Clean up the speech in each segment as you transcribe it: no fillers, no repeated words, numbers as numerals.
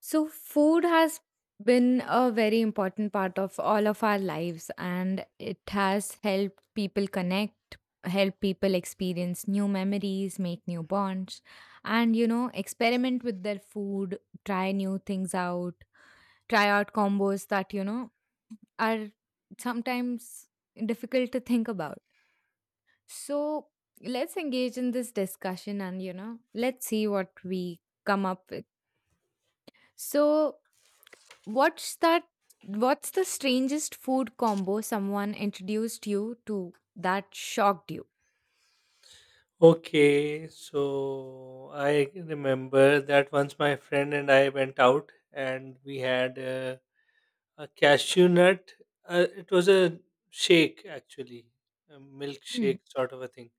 So, food has been a very important part of all of our lives, and it has helped people connect, help people experience new memories, make new bonds, and experiment with their food, try new things out, try out combos that are sometimes difficult to think about. So, let's engage in this discussion and let's see what we come up with. So, what's that? What's the strangest food combo someone introduced you to that shocked you? Okay, so I remember that once my friend and I went out and we had a cashew nut. It was a shake actually, a Hmm. milkshake sort of a thing.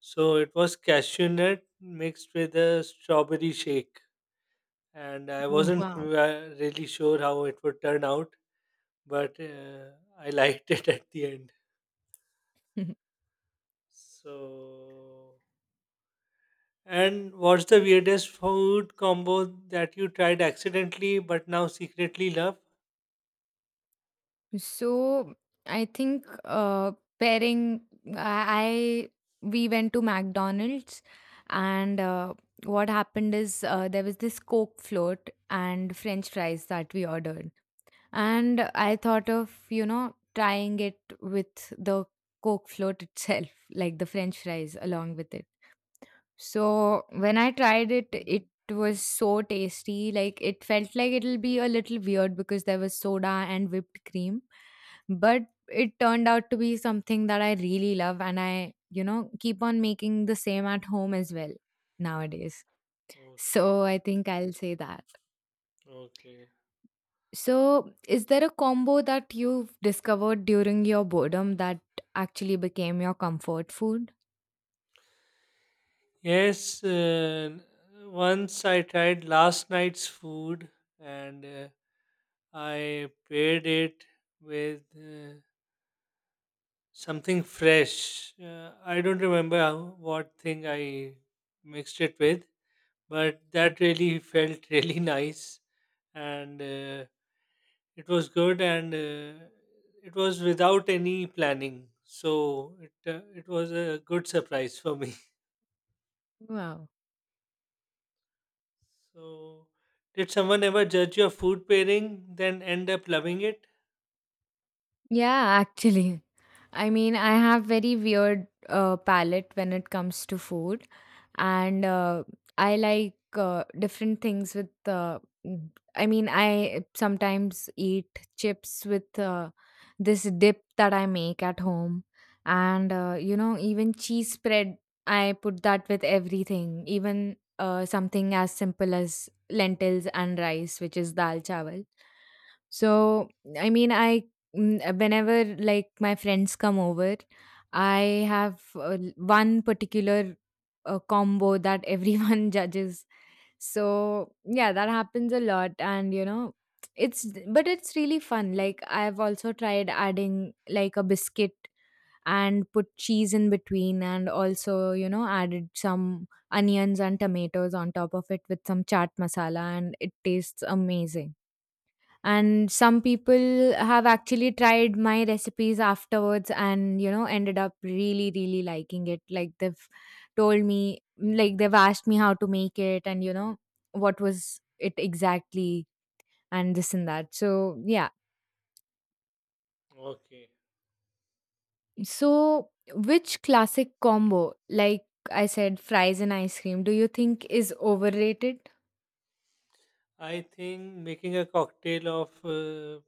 So it was cashew nut mixed with a strawberry shake, and I Oh, wasn't wow. Really sure how it would turn out, but I liked it at the end. So. And what's the weirdest food combo that you tried accidentally but now secretly love? So I think pairing, I we went to McDonald's, and what happened is there was this Coke float and French fries that we ordered, and I thought of trying it with the Coke float itself, like the French fries along with it. So when I tried it, it was so tasty. Like, it felt like it'll be a little weird because there was soda and whipped cream, but it turned out to be something that I really love, and I, keep on making the same at home as well nowadays. Okay, So I think I'll say that. okay. So is there a combo that you've discovered during your boredom that actually became your comfort food? Yes, once I tried last night's food and I paired it with something fresh. I don't remember how, what thing I mixed it with, but Mm. that really felt really nice. And it was good, and it was without any planning, so it was a good surprise for me. Wow. So, did someone ever judge your food pairing, then end up loving it? Yeah, actually. I mean, I have very weird palate when it comes to food, and I like different things with. Mm, I mean, I sometimes eat chips with this dip that I make at home, and even cheese spread. I put that with everything, even something as simple as lentils and rice, which is dal chawal. So, I mean, whenever like my friends come over, I have one particular a combo that everyone judges. So yeah, that happens a lot, and it's but it's really fun. Like, I've also tried adding like a biscuit and put cheese in between, and also added some onions and tomatoes on top of it with some chaat masala, and it tastes amazing. And some people have actually tried my recipes afterwards, and ended up really, really liking it. Like they've told me, like they've asked me how to make it, and what was it exactly, and this and that. So yeah. Okay, So which classic combo, like I said, fries and ice cream, do you think is overrated? I think making a cocktail of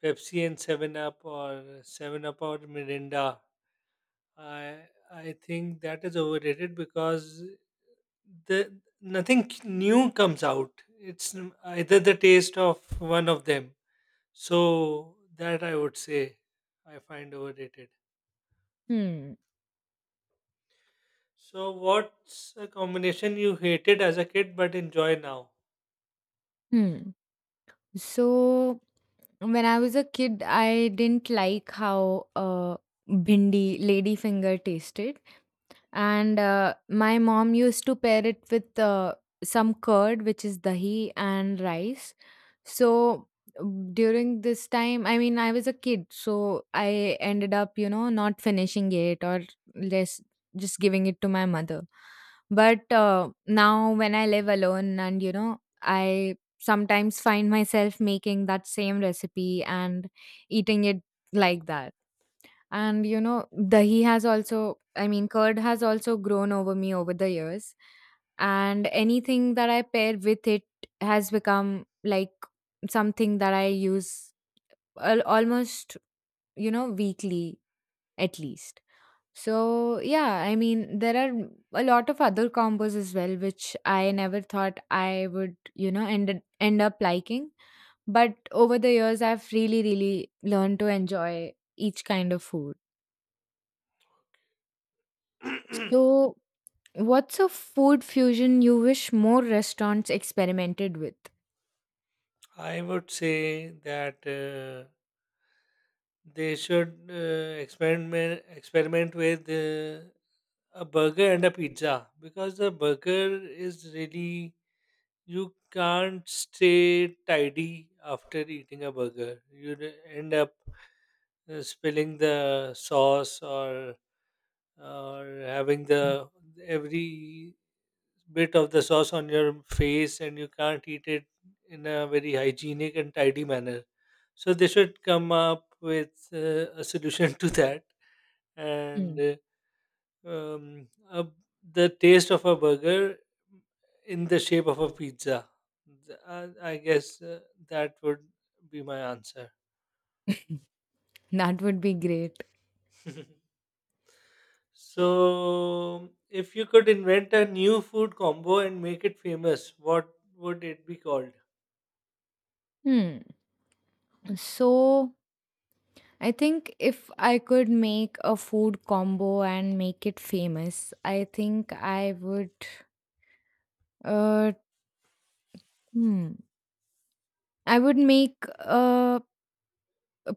Pepsi and Seven Up or Mirinda. I I think that is overrated because the nothing new comes out. It's either the taste of one of them. So that I would say I find overrated. Hmm. So what's a combination you hated as a kid but enjoy now? Hmm. So when I was a kid, I didn't like how bindi, lady finger tasted, and my mom used to pair it with some curd, which is dahi and rice. So, during this time, I mean, I was a kid, so I ended up not finishing it, or less, just giving it to my mother. But now when I live alone, and I sometimes find myself making that same recipe and eating it like that. And dahi has also, I mean, curd has also grown over me over the years. And anything that I pair with it has become like something that I use almost, weekly at least. So, yeah, I mean, there are a lot of other combos as well, which I never thought I would, end up liking. But over the years, I've really, really learned to enjoy each kind of food. So, what's a food fusion you wish more restaurants experimented with? I would say that they should experiment with a burger and a pizza because the burger is really you can't stay tidy after eating a burger. You end up spilling the sauce or having the every bit of the sauce on your face and you can't eat it in a very hygienic and tidy manner, so they should come up with a solution to that and Mm. Um, a, the taste of a burger in the shape of a pizza. I guess that would be my answer. That would be great. So, if you could invent a new food combo and make it famous, what would it be called? Hmm. So I think if I could make a food combo and make it famous, I think uh hmm, I would make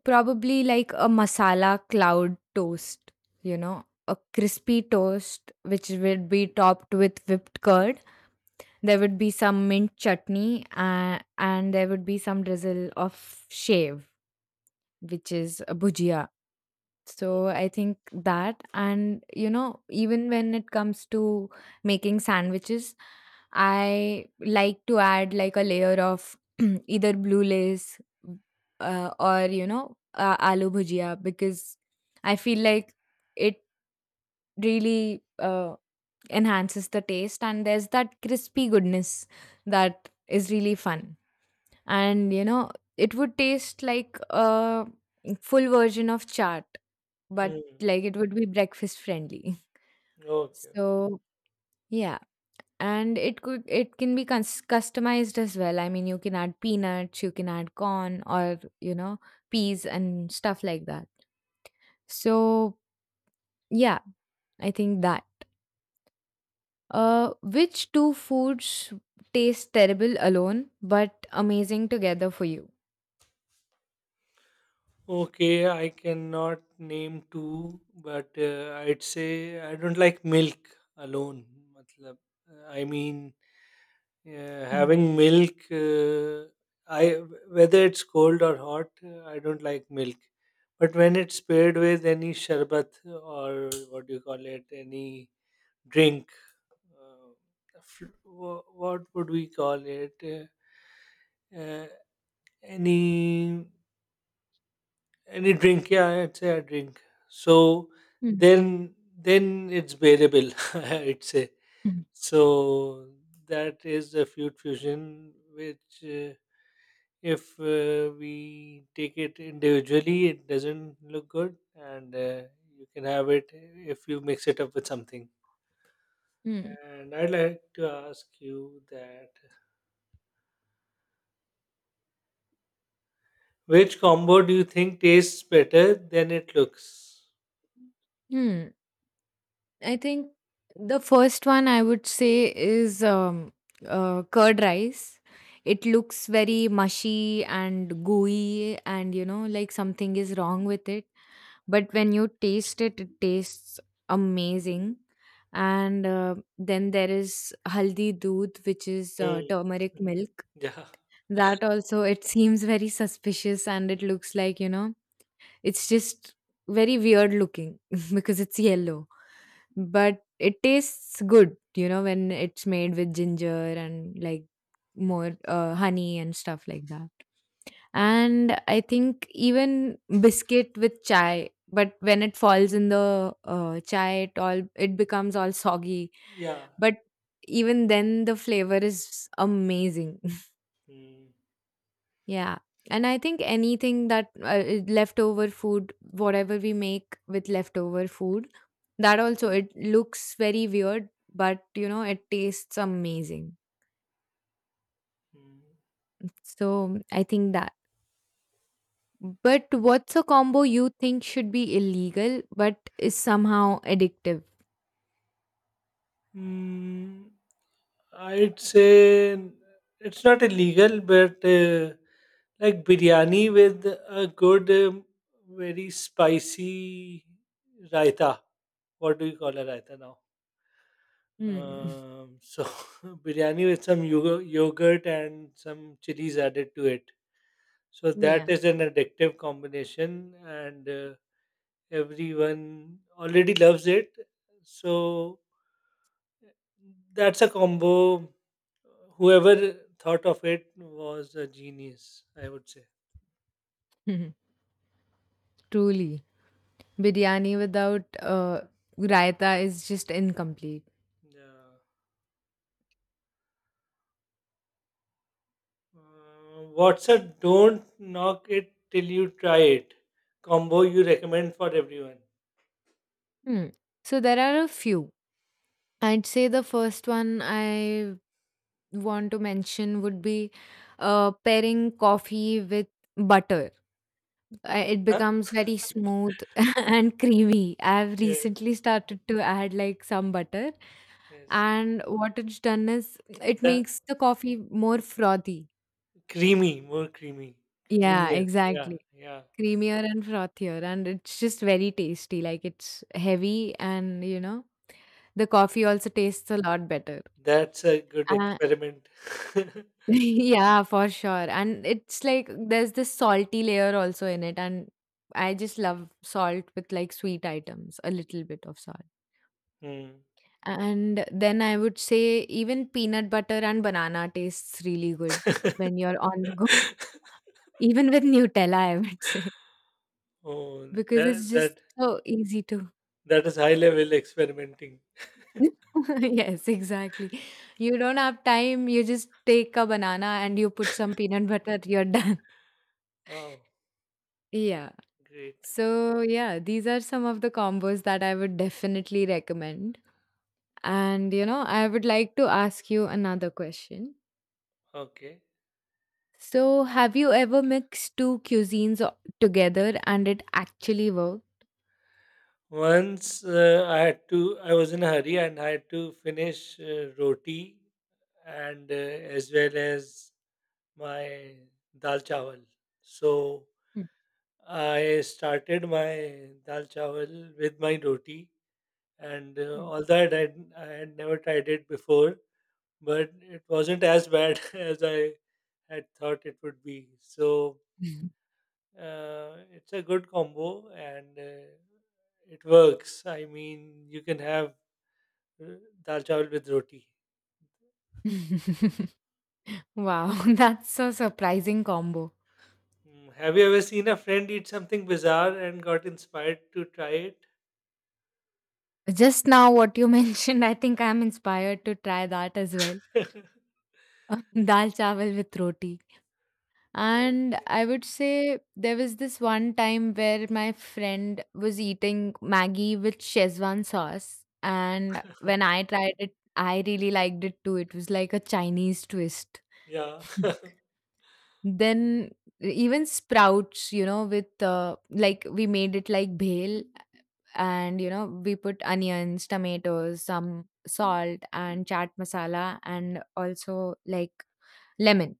probably like a masala cloud toast, a crispy toast which would be topped with whipped curd. There would be some mint chutney, and there would be some drizzle of shave, which is a bhujia. So Oh. I think that, and even when it comes to making sandwiches, I like to add like a layer of either blue lace or aloo bhujia, because I feel like it really enhances the taste, and there's that crispy goodness that is really fun. And it would taste like a full version of chaat, but Hmm. like it would be breakfast friendly. Okay. So yeah, and it can be customized as well. I mean, you can add peanuts, you can add corn, or peas and stuff like that. So yeah, I think that. Which two foods taste terrible alone but amazing together for you? Okay, I cannot name two, but I'd say I don't like milk alone. Matlab, I mean, uh, Mhm. having milk, I whether it's cold or hot, I don't like milk. But when it's paired with any sharbat or what do you call it, any drink, uh, what would we call it? Any any drink? Yeah, I'd say a drink. So Mhm. then it's bearable. I'd say Mhm. so. That is a food fusion, which if we take it individually, it doesn't look good, and you can have it if you mix it up with something. Hmm. And I'd like to ask you that, which combo do you think tastes better than it looks? Hmm. I think the first one I would say is curd rice. It looks very mushy and gooey, and like something is wrong with it. But when you taste it, it tastes amazing. And then there is haldi doodh, which is Hmm. turmeric milk. Yeah. That also, it seems very suspicious, and it looks like, it's just very weird looking because it's yellow. But it tastes good, when it's made with ginger and like more honey and stuff like that. And I think even biscuit with chai, but when it falls in the chai, it becomes all soggy. Yeah. But even then, the flavor is amazing. Mm. Yeah. And I think anything that leftover food, whatever we make with leftover food, that also it looks very weird, but it tastes amazing. Mm. So I think that. But what's a combo you think should be illegal but is somehow addictive? Mm. I'd say it's not illegal, but like biryani with a good, very spicy raita. What do you call a raita now? Hmm. So biryani with some yogurt and some chilies added to it. So that Yeah. is an addictive combination, and everyone already loves it. So that's a combo. Whoever thought of it was a genius, I would say. Truly. Biryani without raita is just incomplete. Yeah. What's a don't knock it till you try it combo you recommend for everyone? Hmm. So there are a few. I'd say the first one I want to mention would be pairing coffee with butter. It Huh? becomes very smooth and creamy. I've Yes, recently started to add like some butter, yes. and what it's done is it The makes the coffee more frothy. creamy, more creamy, Yeah, creamier. Yeah, exactly. yeah. Creamier and frothier, and it's just very tasty. Like, it's heavy, and the coffee also tastes a lot better. That's a good Uh, experiment. Yeah, for sure. And it's like there's this salty layer also in it. And I just love salt with like sweet items, a little bit of salt. Hmm. And then I would say even peanut butter and banana tastes really good when you're on the go. Even with Nutella, I would say, Oh, because it's that just that so easy to. that is high level experimenting. Yes, exactly. You don't have time, you just take a banana and you put some peanut butter, you're done. Wow, Yeah. great. So, yeah, these are some of the combos that I would definitely recommend. And, I would like to ask you another question. Okay. So, have you ever mixed two cuisines together and it actually worked? Once I had to, I was in a hurry and I had to finish roti and as well as my dal chawal. So I started my dal chawal with my roti and Mm, I had never tried it before, but it wasn't as bad as I had thought it would be. So mm. It's a good combo and it works. I mean, you can have uh, dal chawal with roti. Wow, that's a surprising combo. Mm, have you ever seen a friend eat something bizarre and got inspired to try it? Just now, what you mentioned, I think I'm inspired to try that as well. Dal chawal with roti. Oh, And I would say there was this one time where my friend was eating Maggie with Szechuan sauce. And when I tried it, I really liked it too. It was like a Chinese twist. yeah. Then even sprouts, with like we made it like bhel, and we put onions, tomatoes, some salt and chaat masala, and also like lemon,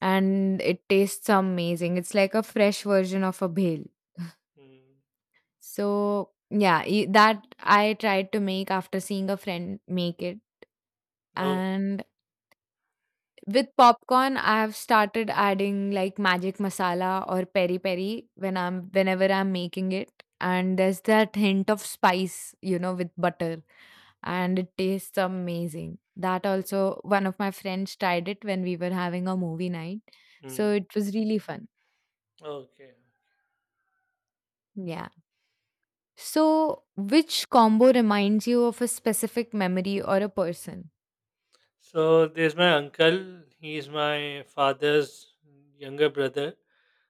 and it tastes amazing. It's like a fresh version of a bhel. Mm. So, yeah, that I tried to make after seeing a friend make it. Oh, And with popcorn, I have started adding like magic masala or peri peri whenever I'm making it. And there's that hint of spice, with butter, and it tastes amazing. That also, one of my friends tried it when we were having a movie night, so mm. it was really fun. Okay. Yeah. So, which combo reminds you of a specific memory or a person? So there's my uncle. He's my father's younger brother.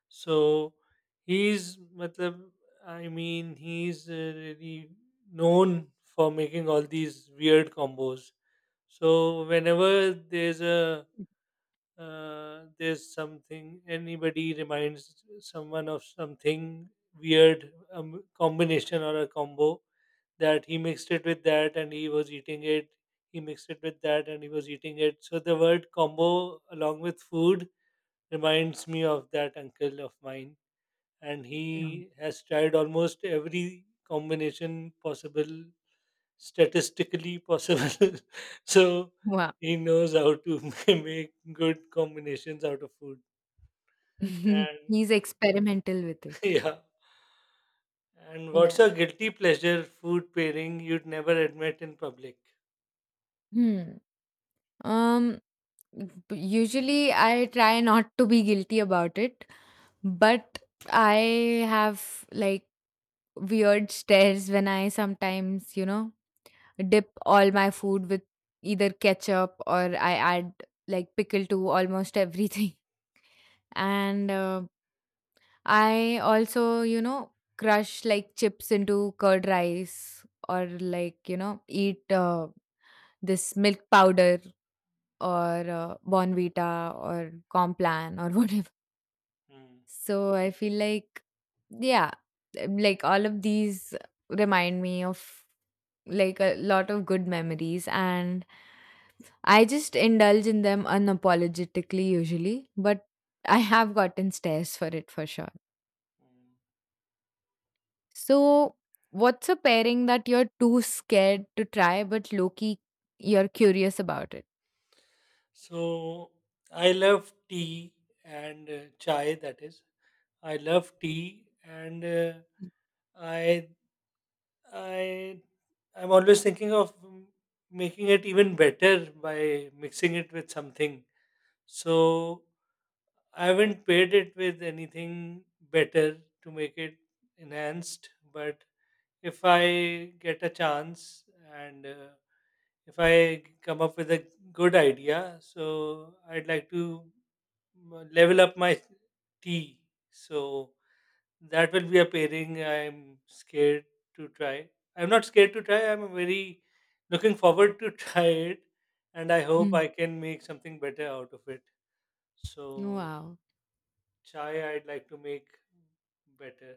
So he's, matlab, I mean, he's really known for making all these weird combos. So whenever there's a there's something anybody reminds someone of something weird combination or a combo that he mixed it with that and he was eating it, he mixed it with that and he was eating it, so the word combo along with food reminds me of that uncle of mine, and Mm. he has tried almost every combination possible, statistically possible. So Wow. he knows how to make good combinations out of food. And He's experimental with it. yeah. And what's Yeah. a guilty pleasure food pairing you'd never admit in public? Hmm. Um Usually I try not to be guilty about it, but I have like weird stares when I sometimes, dip all my food with either ketchup, or I add like pickle to almost everything. And I also, crush like chips into curd rice, or like, eat this milk powder, or Bonvita or Complan or whatever. Hmm. So I feel like, yeah, like all of these remind me of like a lot of good memories, and I just indulge in them unapologetically usually, but I have gotten stares for it for sure. Hmm. So, what's a pairing that you're too scared to try, but low key you're curious about it? So I love tea and chai. That is, I love tea, and I I I'm always thinking of making it even better by mixing it with something. So I haven't paired it with anything better to make it enhanced. But if I get a chance and if I come up with a good idea, so I'd like to level up my tea. So that will be a pairing I'm scared to try. I'm not scared to try. I'm very looking forward to try it, and I hope Hmm. I can make something better out of it. So Wow. chai, I'd like to make better.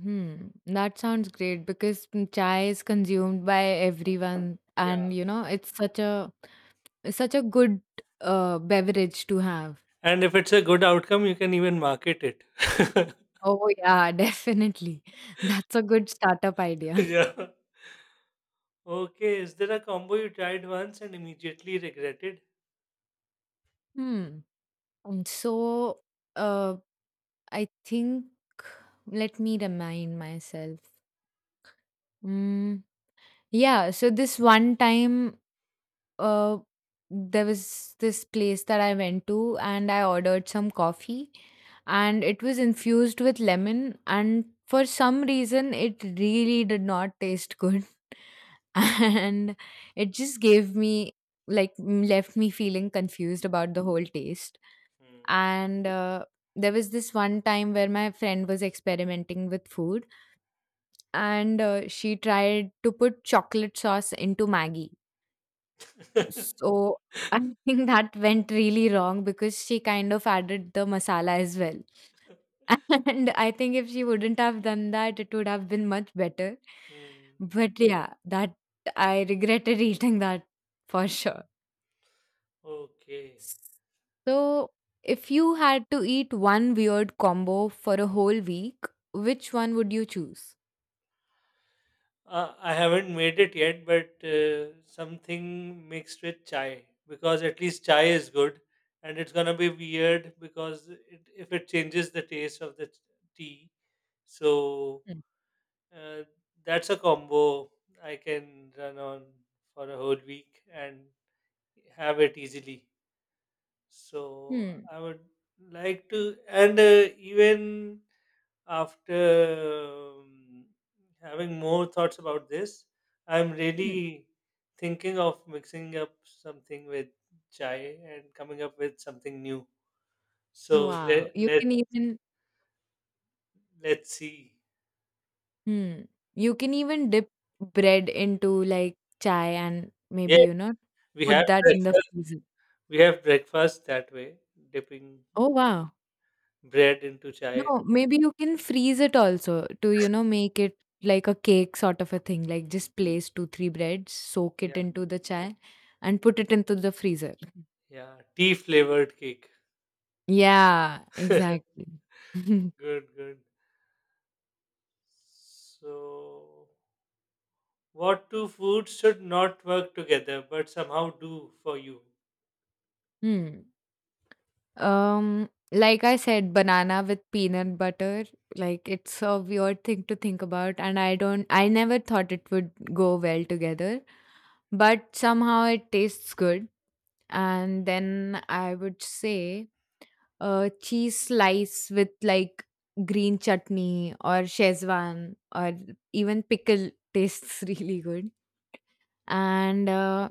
That sounds great, because chai is consumed by everyone, Yeah, and it's such a good beverage to have. and if it's a good outcome, you can even market it. Oh yeah, definitely. That's a good startup idea. Yeah. Okay. Is there a combo you tried once and immediately regretted? Hmm. So, uh, I think, let me remind myself. Hmm. Yeah, so this one time uh there was this place that I went to and I ordered some coffee, and it was infused with lemon, and for some reason it really did not taste good and it just gave me like left me feeling confused about the whole taste. Hmm. And there was this one time where my friend was experimenting with food, and she tried to put chocolate sauce into maggie. So I think that went really wrong because she kind of added the masala as well. And I think if she wouldn't have done that, it would have been much better. Hmm. But yeah, that I regretted eating that for sure. Okay. So if you had to eat one weird combo for a whole week, which one would you choose? I haven't made it yet, but something mixed with chai because at least chai is good, and it's gonna be weird because it, if it changes the taste of the tea, so Hmm. uh, that's a combo I can run on for a whole week and have it easily. So Hmm. I would like to, and even after having more thoughts about this, I'm Hmm. really thinking of mixing up something with chai and coming up with something new. So Wow. let You let can even. let's see. Hmm. You can even dip bread into like chai and maybe, Yeah, you know, we have put that in the breakfast. freezer. We have breakfast that way, dipping Oh, wow. bread into chai. No, maybe you can freeze it also to, you know, make it like a cake sort of a thing. Like just place two, three breads, soak it Yeah, into the chai and put it into the freezer. yeah, tea flavored cake. Yeah, exactly. Good, good. So, what two foods should not work together but somehow do for you? Hmm. Like I said, banana with peanut butter, like it's a weird thing to think about, and I never thought it would go well together, but somehow it tastes good. And then I would say a cheese slice with like green chutney or Szechuan or even pickle tastes really good. And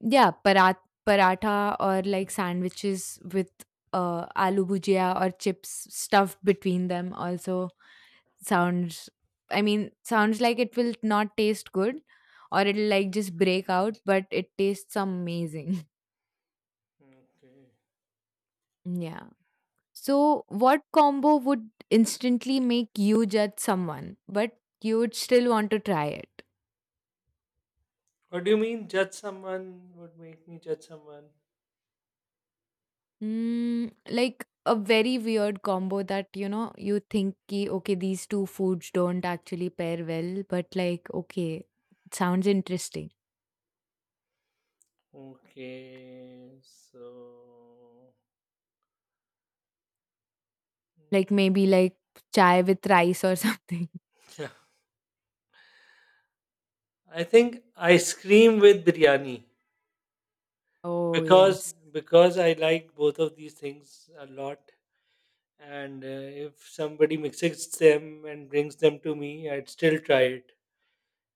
yeah, paratha or like sandwiches with aloo bhujia or chips stuffed between them also sounds. I mean, sounds like it will not taste good, or it'll like just break out, but it tastes amazing. Okay. Yeah. So, what combo would instantly make you judge someone, but you would still want to try it? What do you mean judge someone, would make me judge someone? Mm, like a very weird combo that you know you think ki, okay, these two foods don't actually pair well, but like okay it sounds interesting. Okay, so Like maybe like chai with rice or something. yeah, I think ice cream with biryani Oh yes. because I like both of these things a lot, and if somebody mixes them and brings them to me, I'd still try it,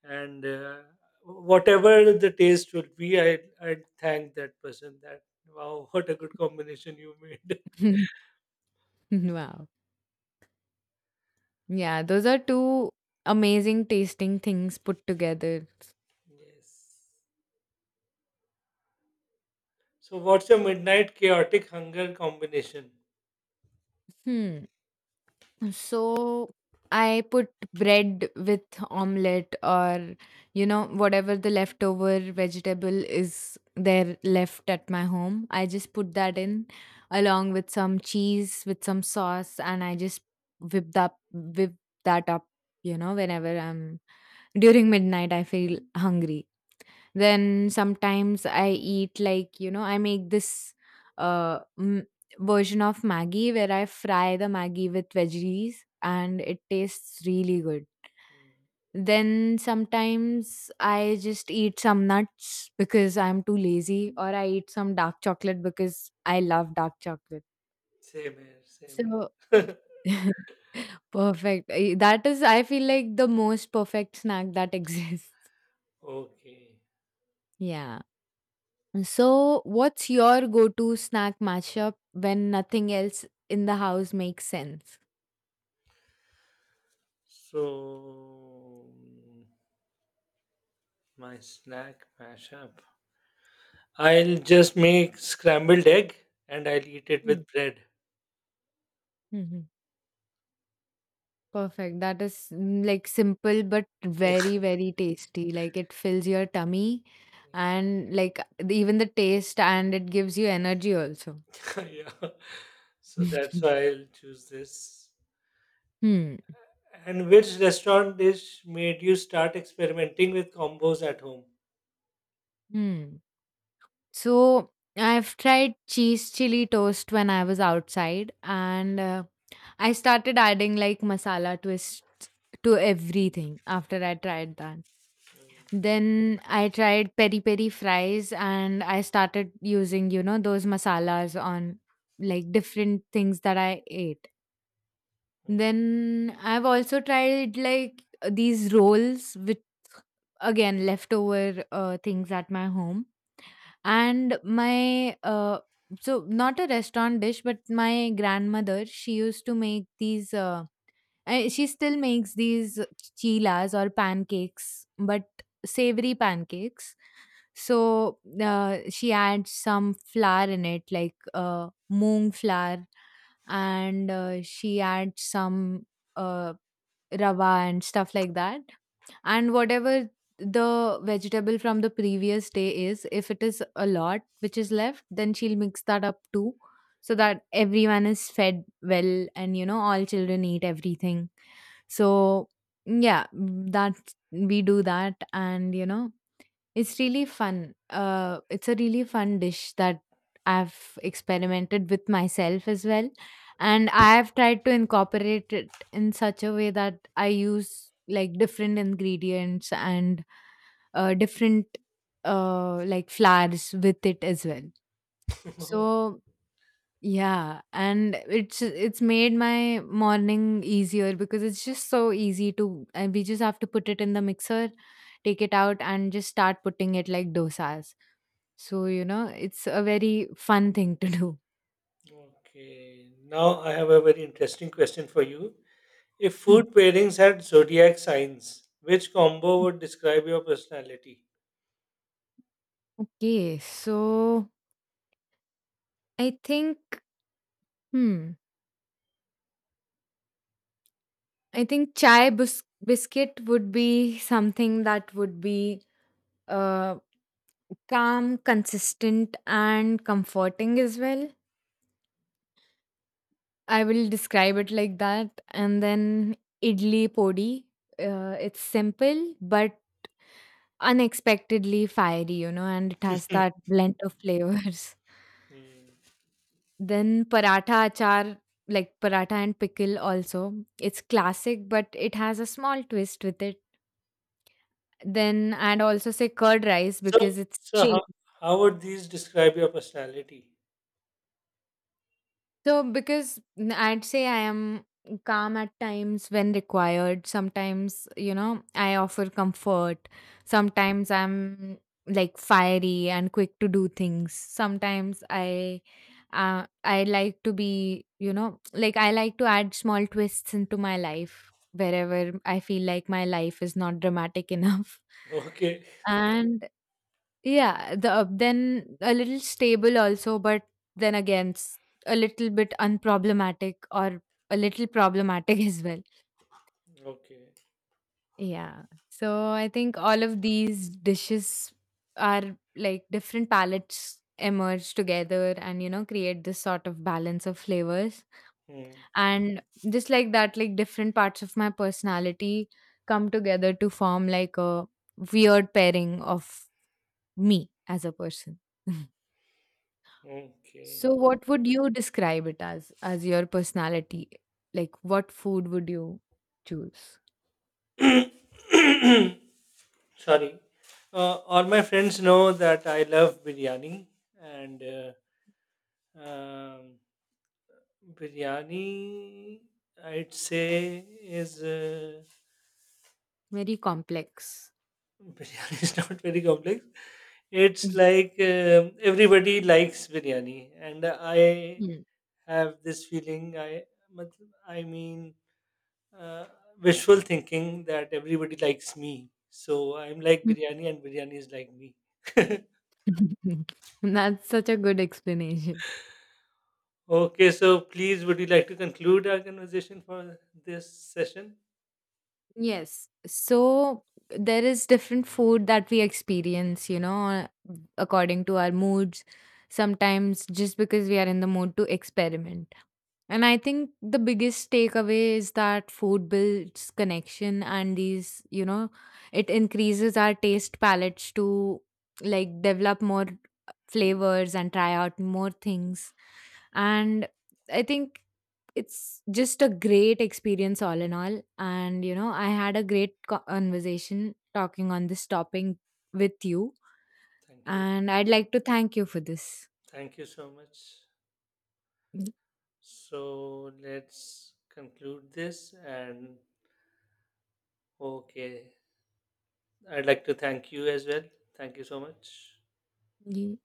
and whatever the taste would be, I'd thank that person that wow, what a good combination you made. Wow, yeah, those are two amazing tasting things put together. Yes. So, what's your midnight chaotic hunger combination? Hmm. So I put bread with omelette or you know whatever the leftover vegetable is there left at my home. I just put that in along with some cheese with some sauce, and I just whip that up, you know, whenever I'm during midnight I feel hungry. Then sometimes I eat like, you know, I make this uh, m- version of Maggi where I fry the Maggi with veggies and it tastes really good. Hmm, Then sometimes I just eat some nuts because I'm too lazy, or I eat some dark chocolate because I love dark chocolate. same here, same So here. perfect. That is, I feel like the most perfect snack that exists. Okay. Yeah. So, what's your go to snack mashup when nothing else in the house makes sense? So, my snack mashup. I'll just make scrambled egg and I'll eat it Mm, with bread. mhm. Perfect. That is mm, like simple but very, very tasty. Like it fills your tummy and like even the taste and it gives you energy also. Yeah. So, that's why I'll choose this. Hmm. And which restaurant dish made you start experimenting with combos at home? Hmm. So I've tried cheese chili toast when I was outside, and I started adding like masala twists to everything after I tried that. Then I tried peri peri fries and I started using, you know, those masalas on like different things that I ate. Then I've also tried like these rolls with again leftover things at my home. And my so not a restaurant dish, but my grandmother, she used to make these she still makes these chilas or pancakes, but savory pancakes. So she adds some flour in it, like moong flour, and she adds some uh, rava and stuff like that, and whatever the vegetable from the previous day is, if it is a lot which is left, then she'll mix that up too, so that everyone is fed well and you know all children eat everything. So yeah, mm, that we do that and you know it's really fun. It's a really fun dish that I've experimented with myself as well. And I have tried to incorporate it in such a way that I use like different ingredients and different like flowers with it as well. So yeah, and it's made my morning easier because it's just so easy to, and we just have to put it in the mixer, take it out and just start putting it like dosas. So, you know, it's a very fun thing to do. Okay. Now, I have a very interesting question for you. If Mm. food pairings had zodiac signs, which combo would describe your personality? Okay, so I think hmm, I think chai bus biscuit would be something that would be uh calm, consistent and comforting as well. I will describe it like that. And then idli podi. It's simple but unexpectedly fiery, you know, and it has Hmm. that blend of flavors. Hmm. Then paratha achar, like paratha and pickle also. It's classic, but it has a small twist with it. Then I'd also say curd rice So, because it's so chill. how, how would these describe your personality? So, because I'd say I am calm at times when required. Sometimes, you know, I offer comfort. Sometimes I'm like fiery and quick to do things. Sometimes I. I like to be, you know, like I like to add small twists into my life wherever I feel like my life is not dramatic enough. Okay, And yeah, then a little stable also, but then again a little bit unproblematic, or a little problematic as well. okay, Yeah. So I think all of these dishes are like different palettes emerge together and you know create this sort of balance of flavors, hmm, and just like that, like different parts of my personality come together to form like a weird pairing of me as a person. So okay. what would you describe it as your personality? Like what food would you choose? Sorry. All my friends know that I love biryani, and um, biryani, I'd say, is. Very complex. biryani is not very complex. It's like everybody likes biryani, and I Hmm. have this feeling. I, matlab, I mean, uh, wishful thinking that everybody likes me. So I'm like biryani, and biryani is like me. That's such a good explanation. Okay, so please, would you like to conclude our conversation for this session? Yes. So there is different food that we experience, you know, according to our moods. Sometimes just because we are in the mood to experiment. And I think the biggest takeaway is that food builds connection and these, you know, it increases our taste palettes to like develop more flavors and try out more things. And I think it's just a great experience all in all, and, you know, I had a great conversation talking on this topic with you, Thank you. and I'd like to thank you for this. Thank you so much. So let's conclude this and okay. I'd like to thank you as well. Thank you so much. Y-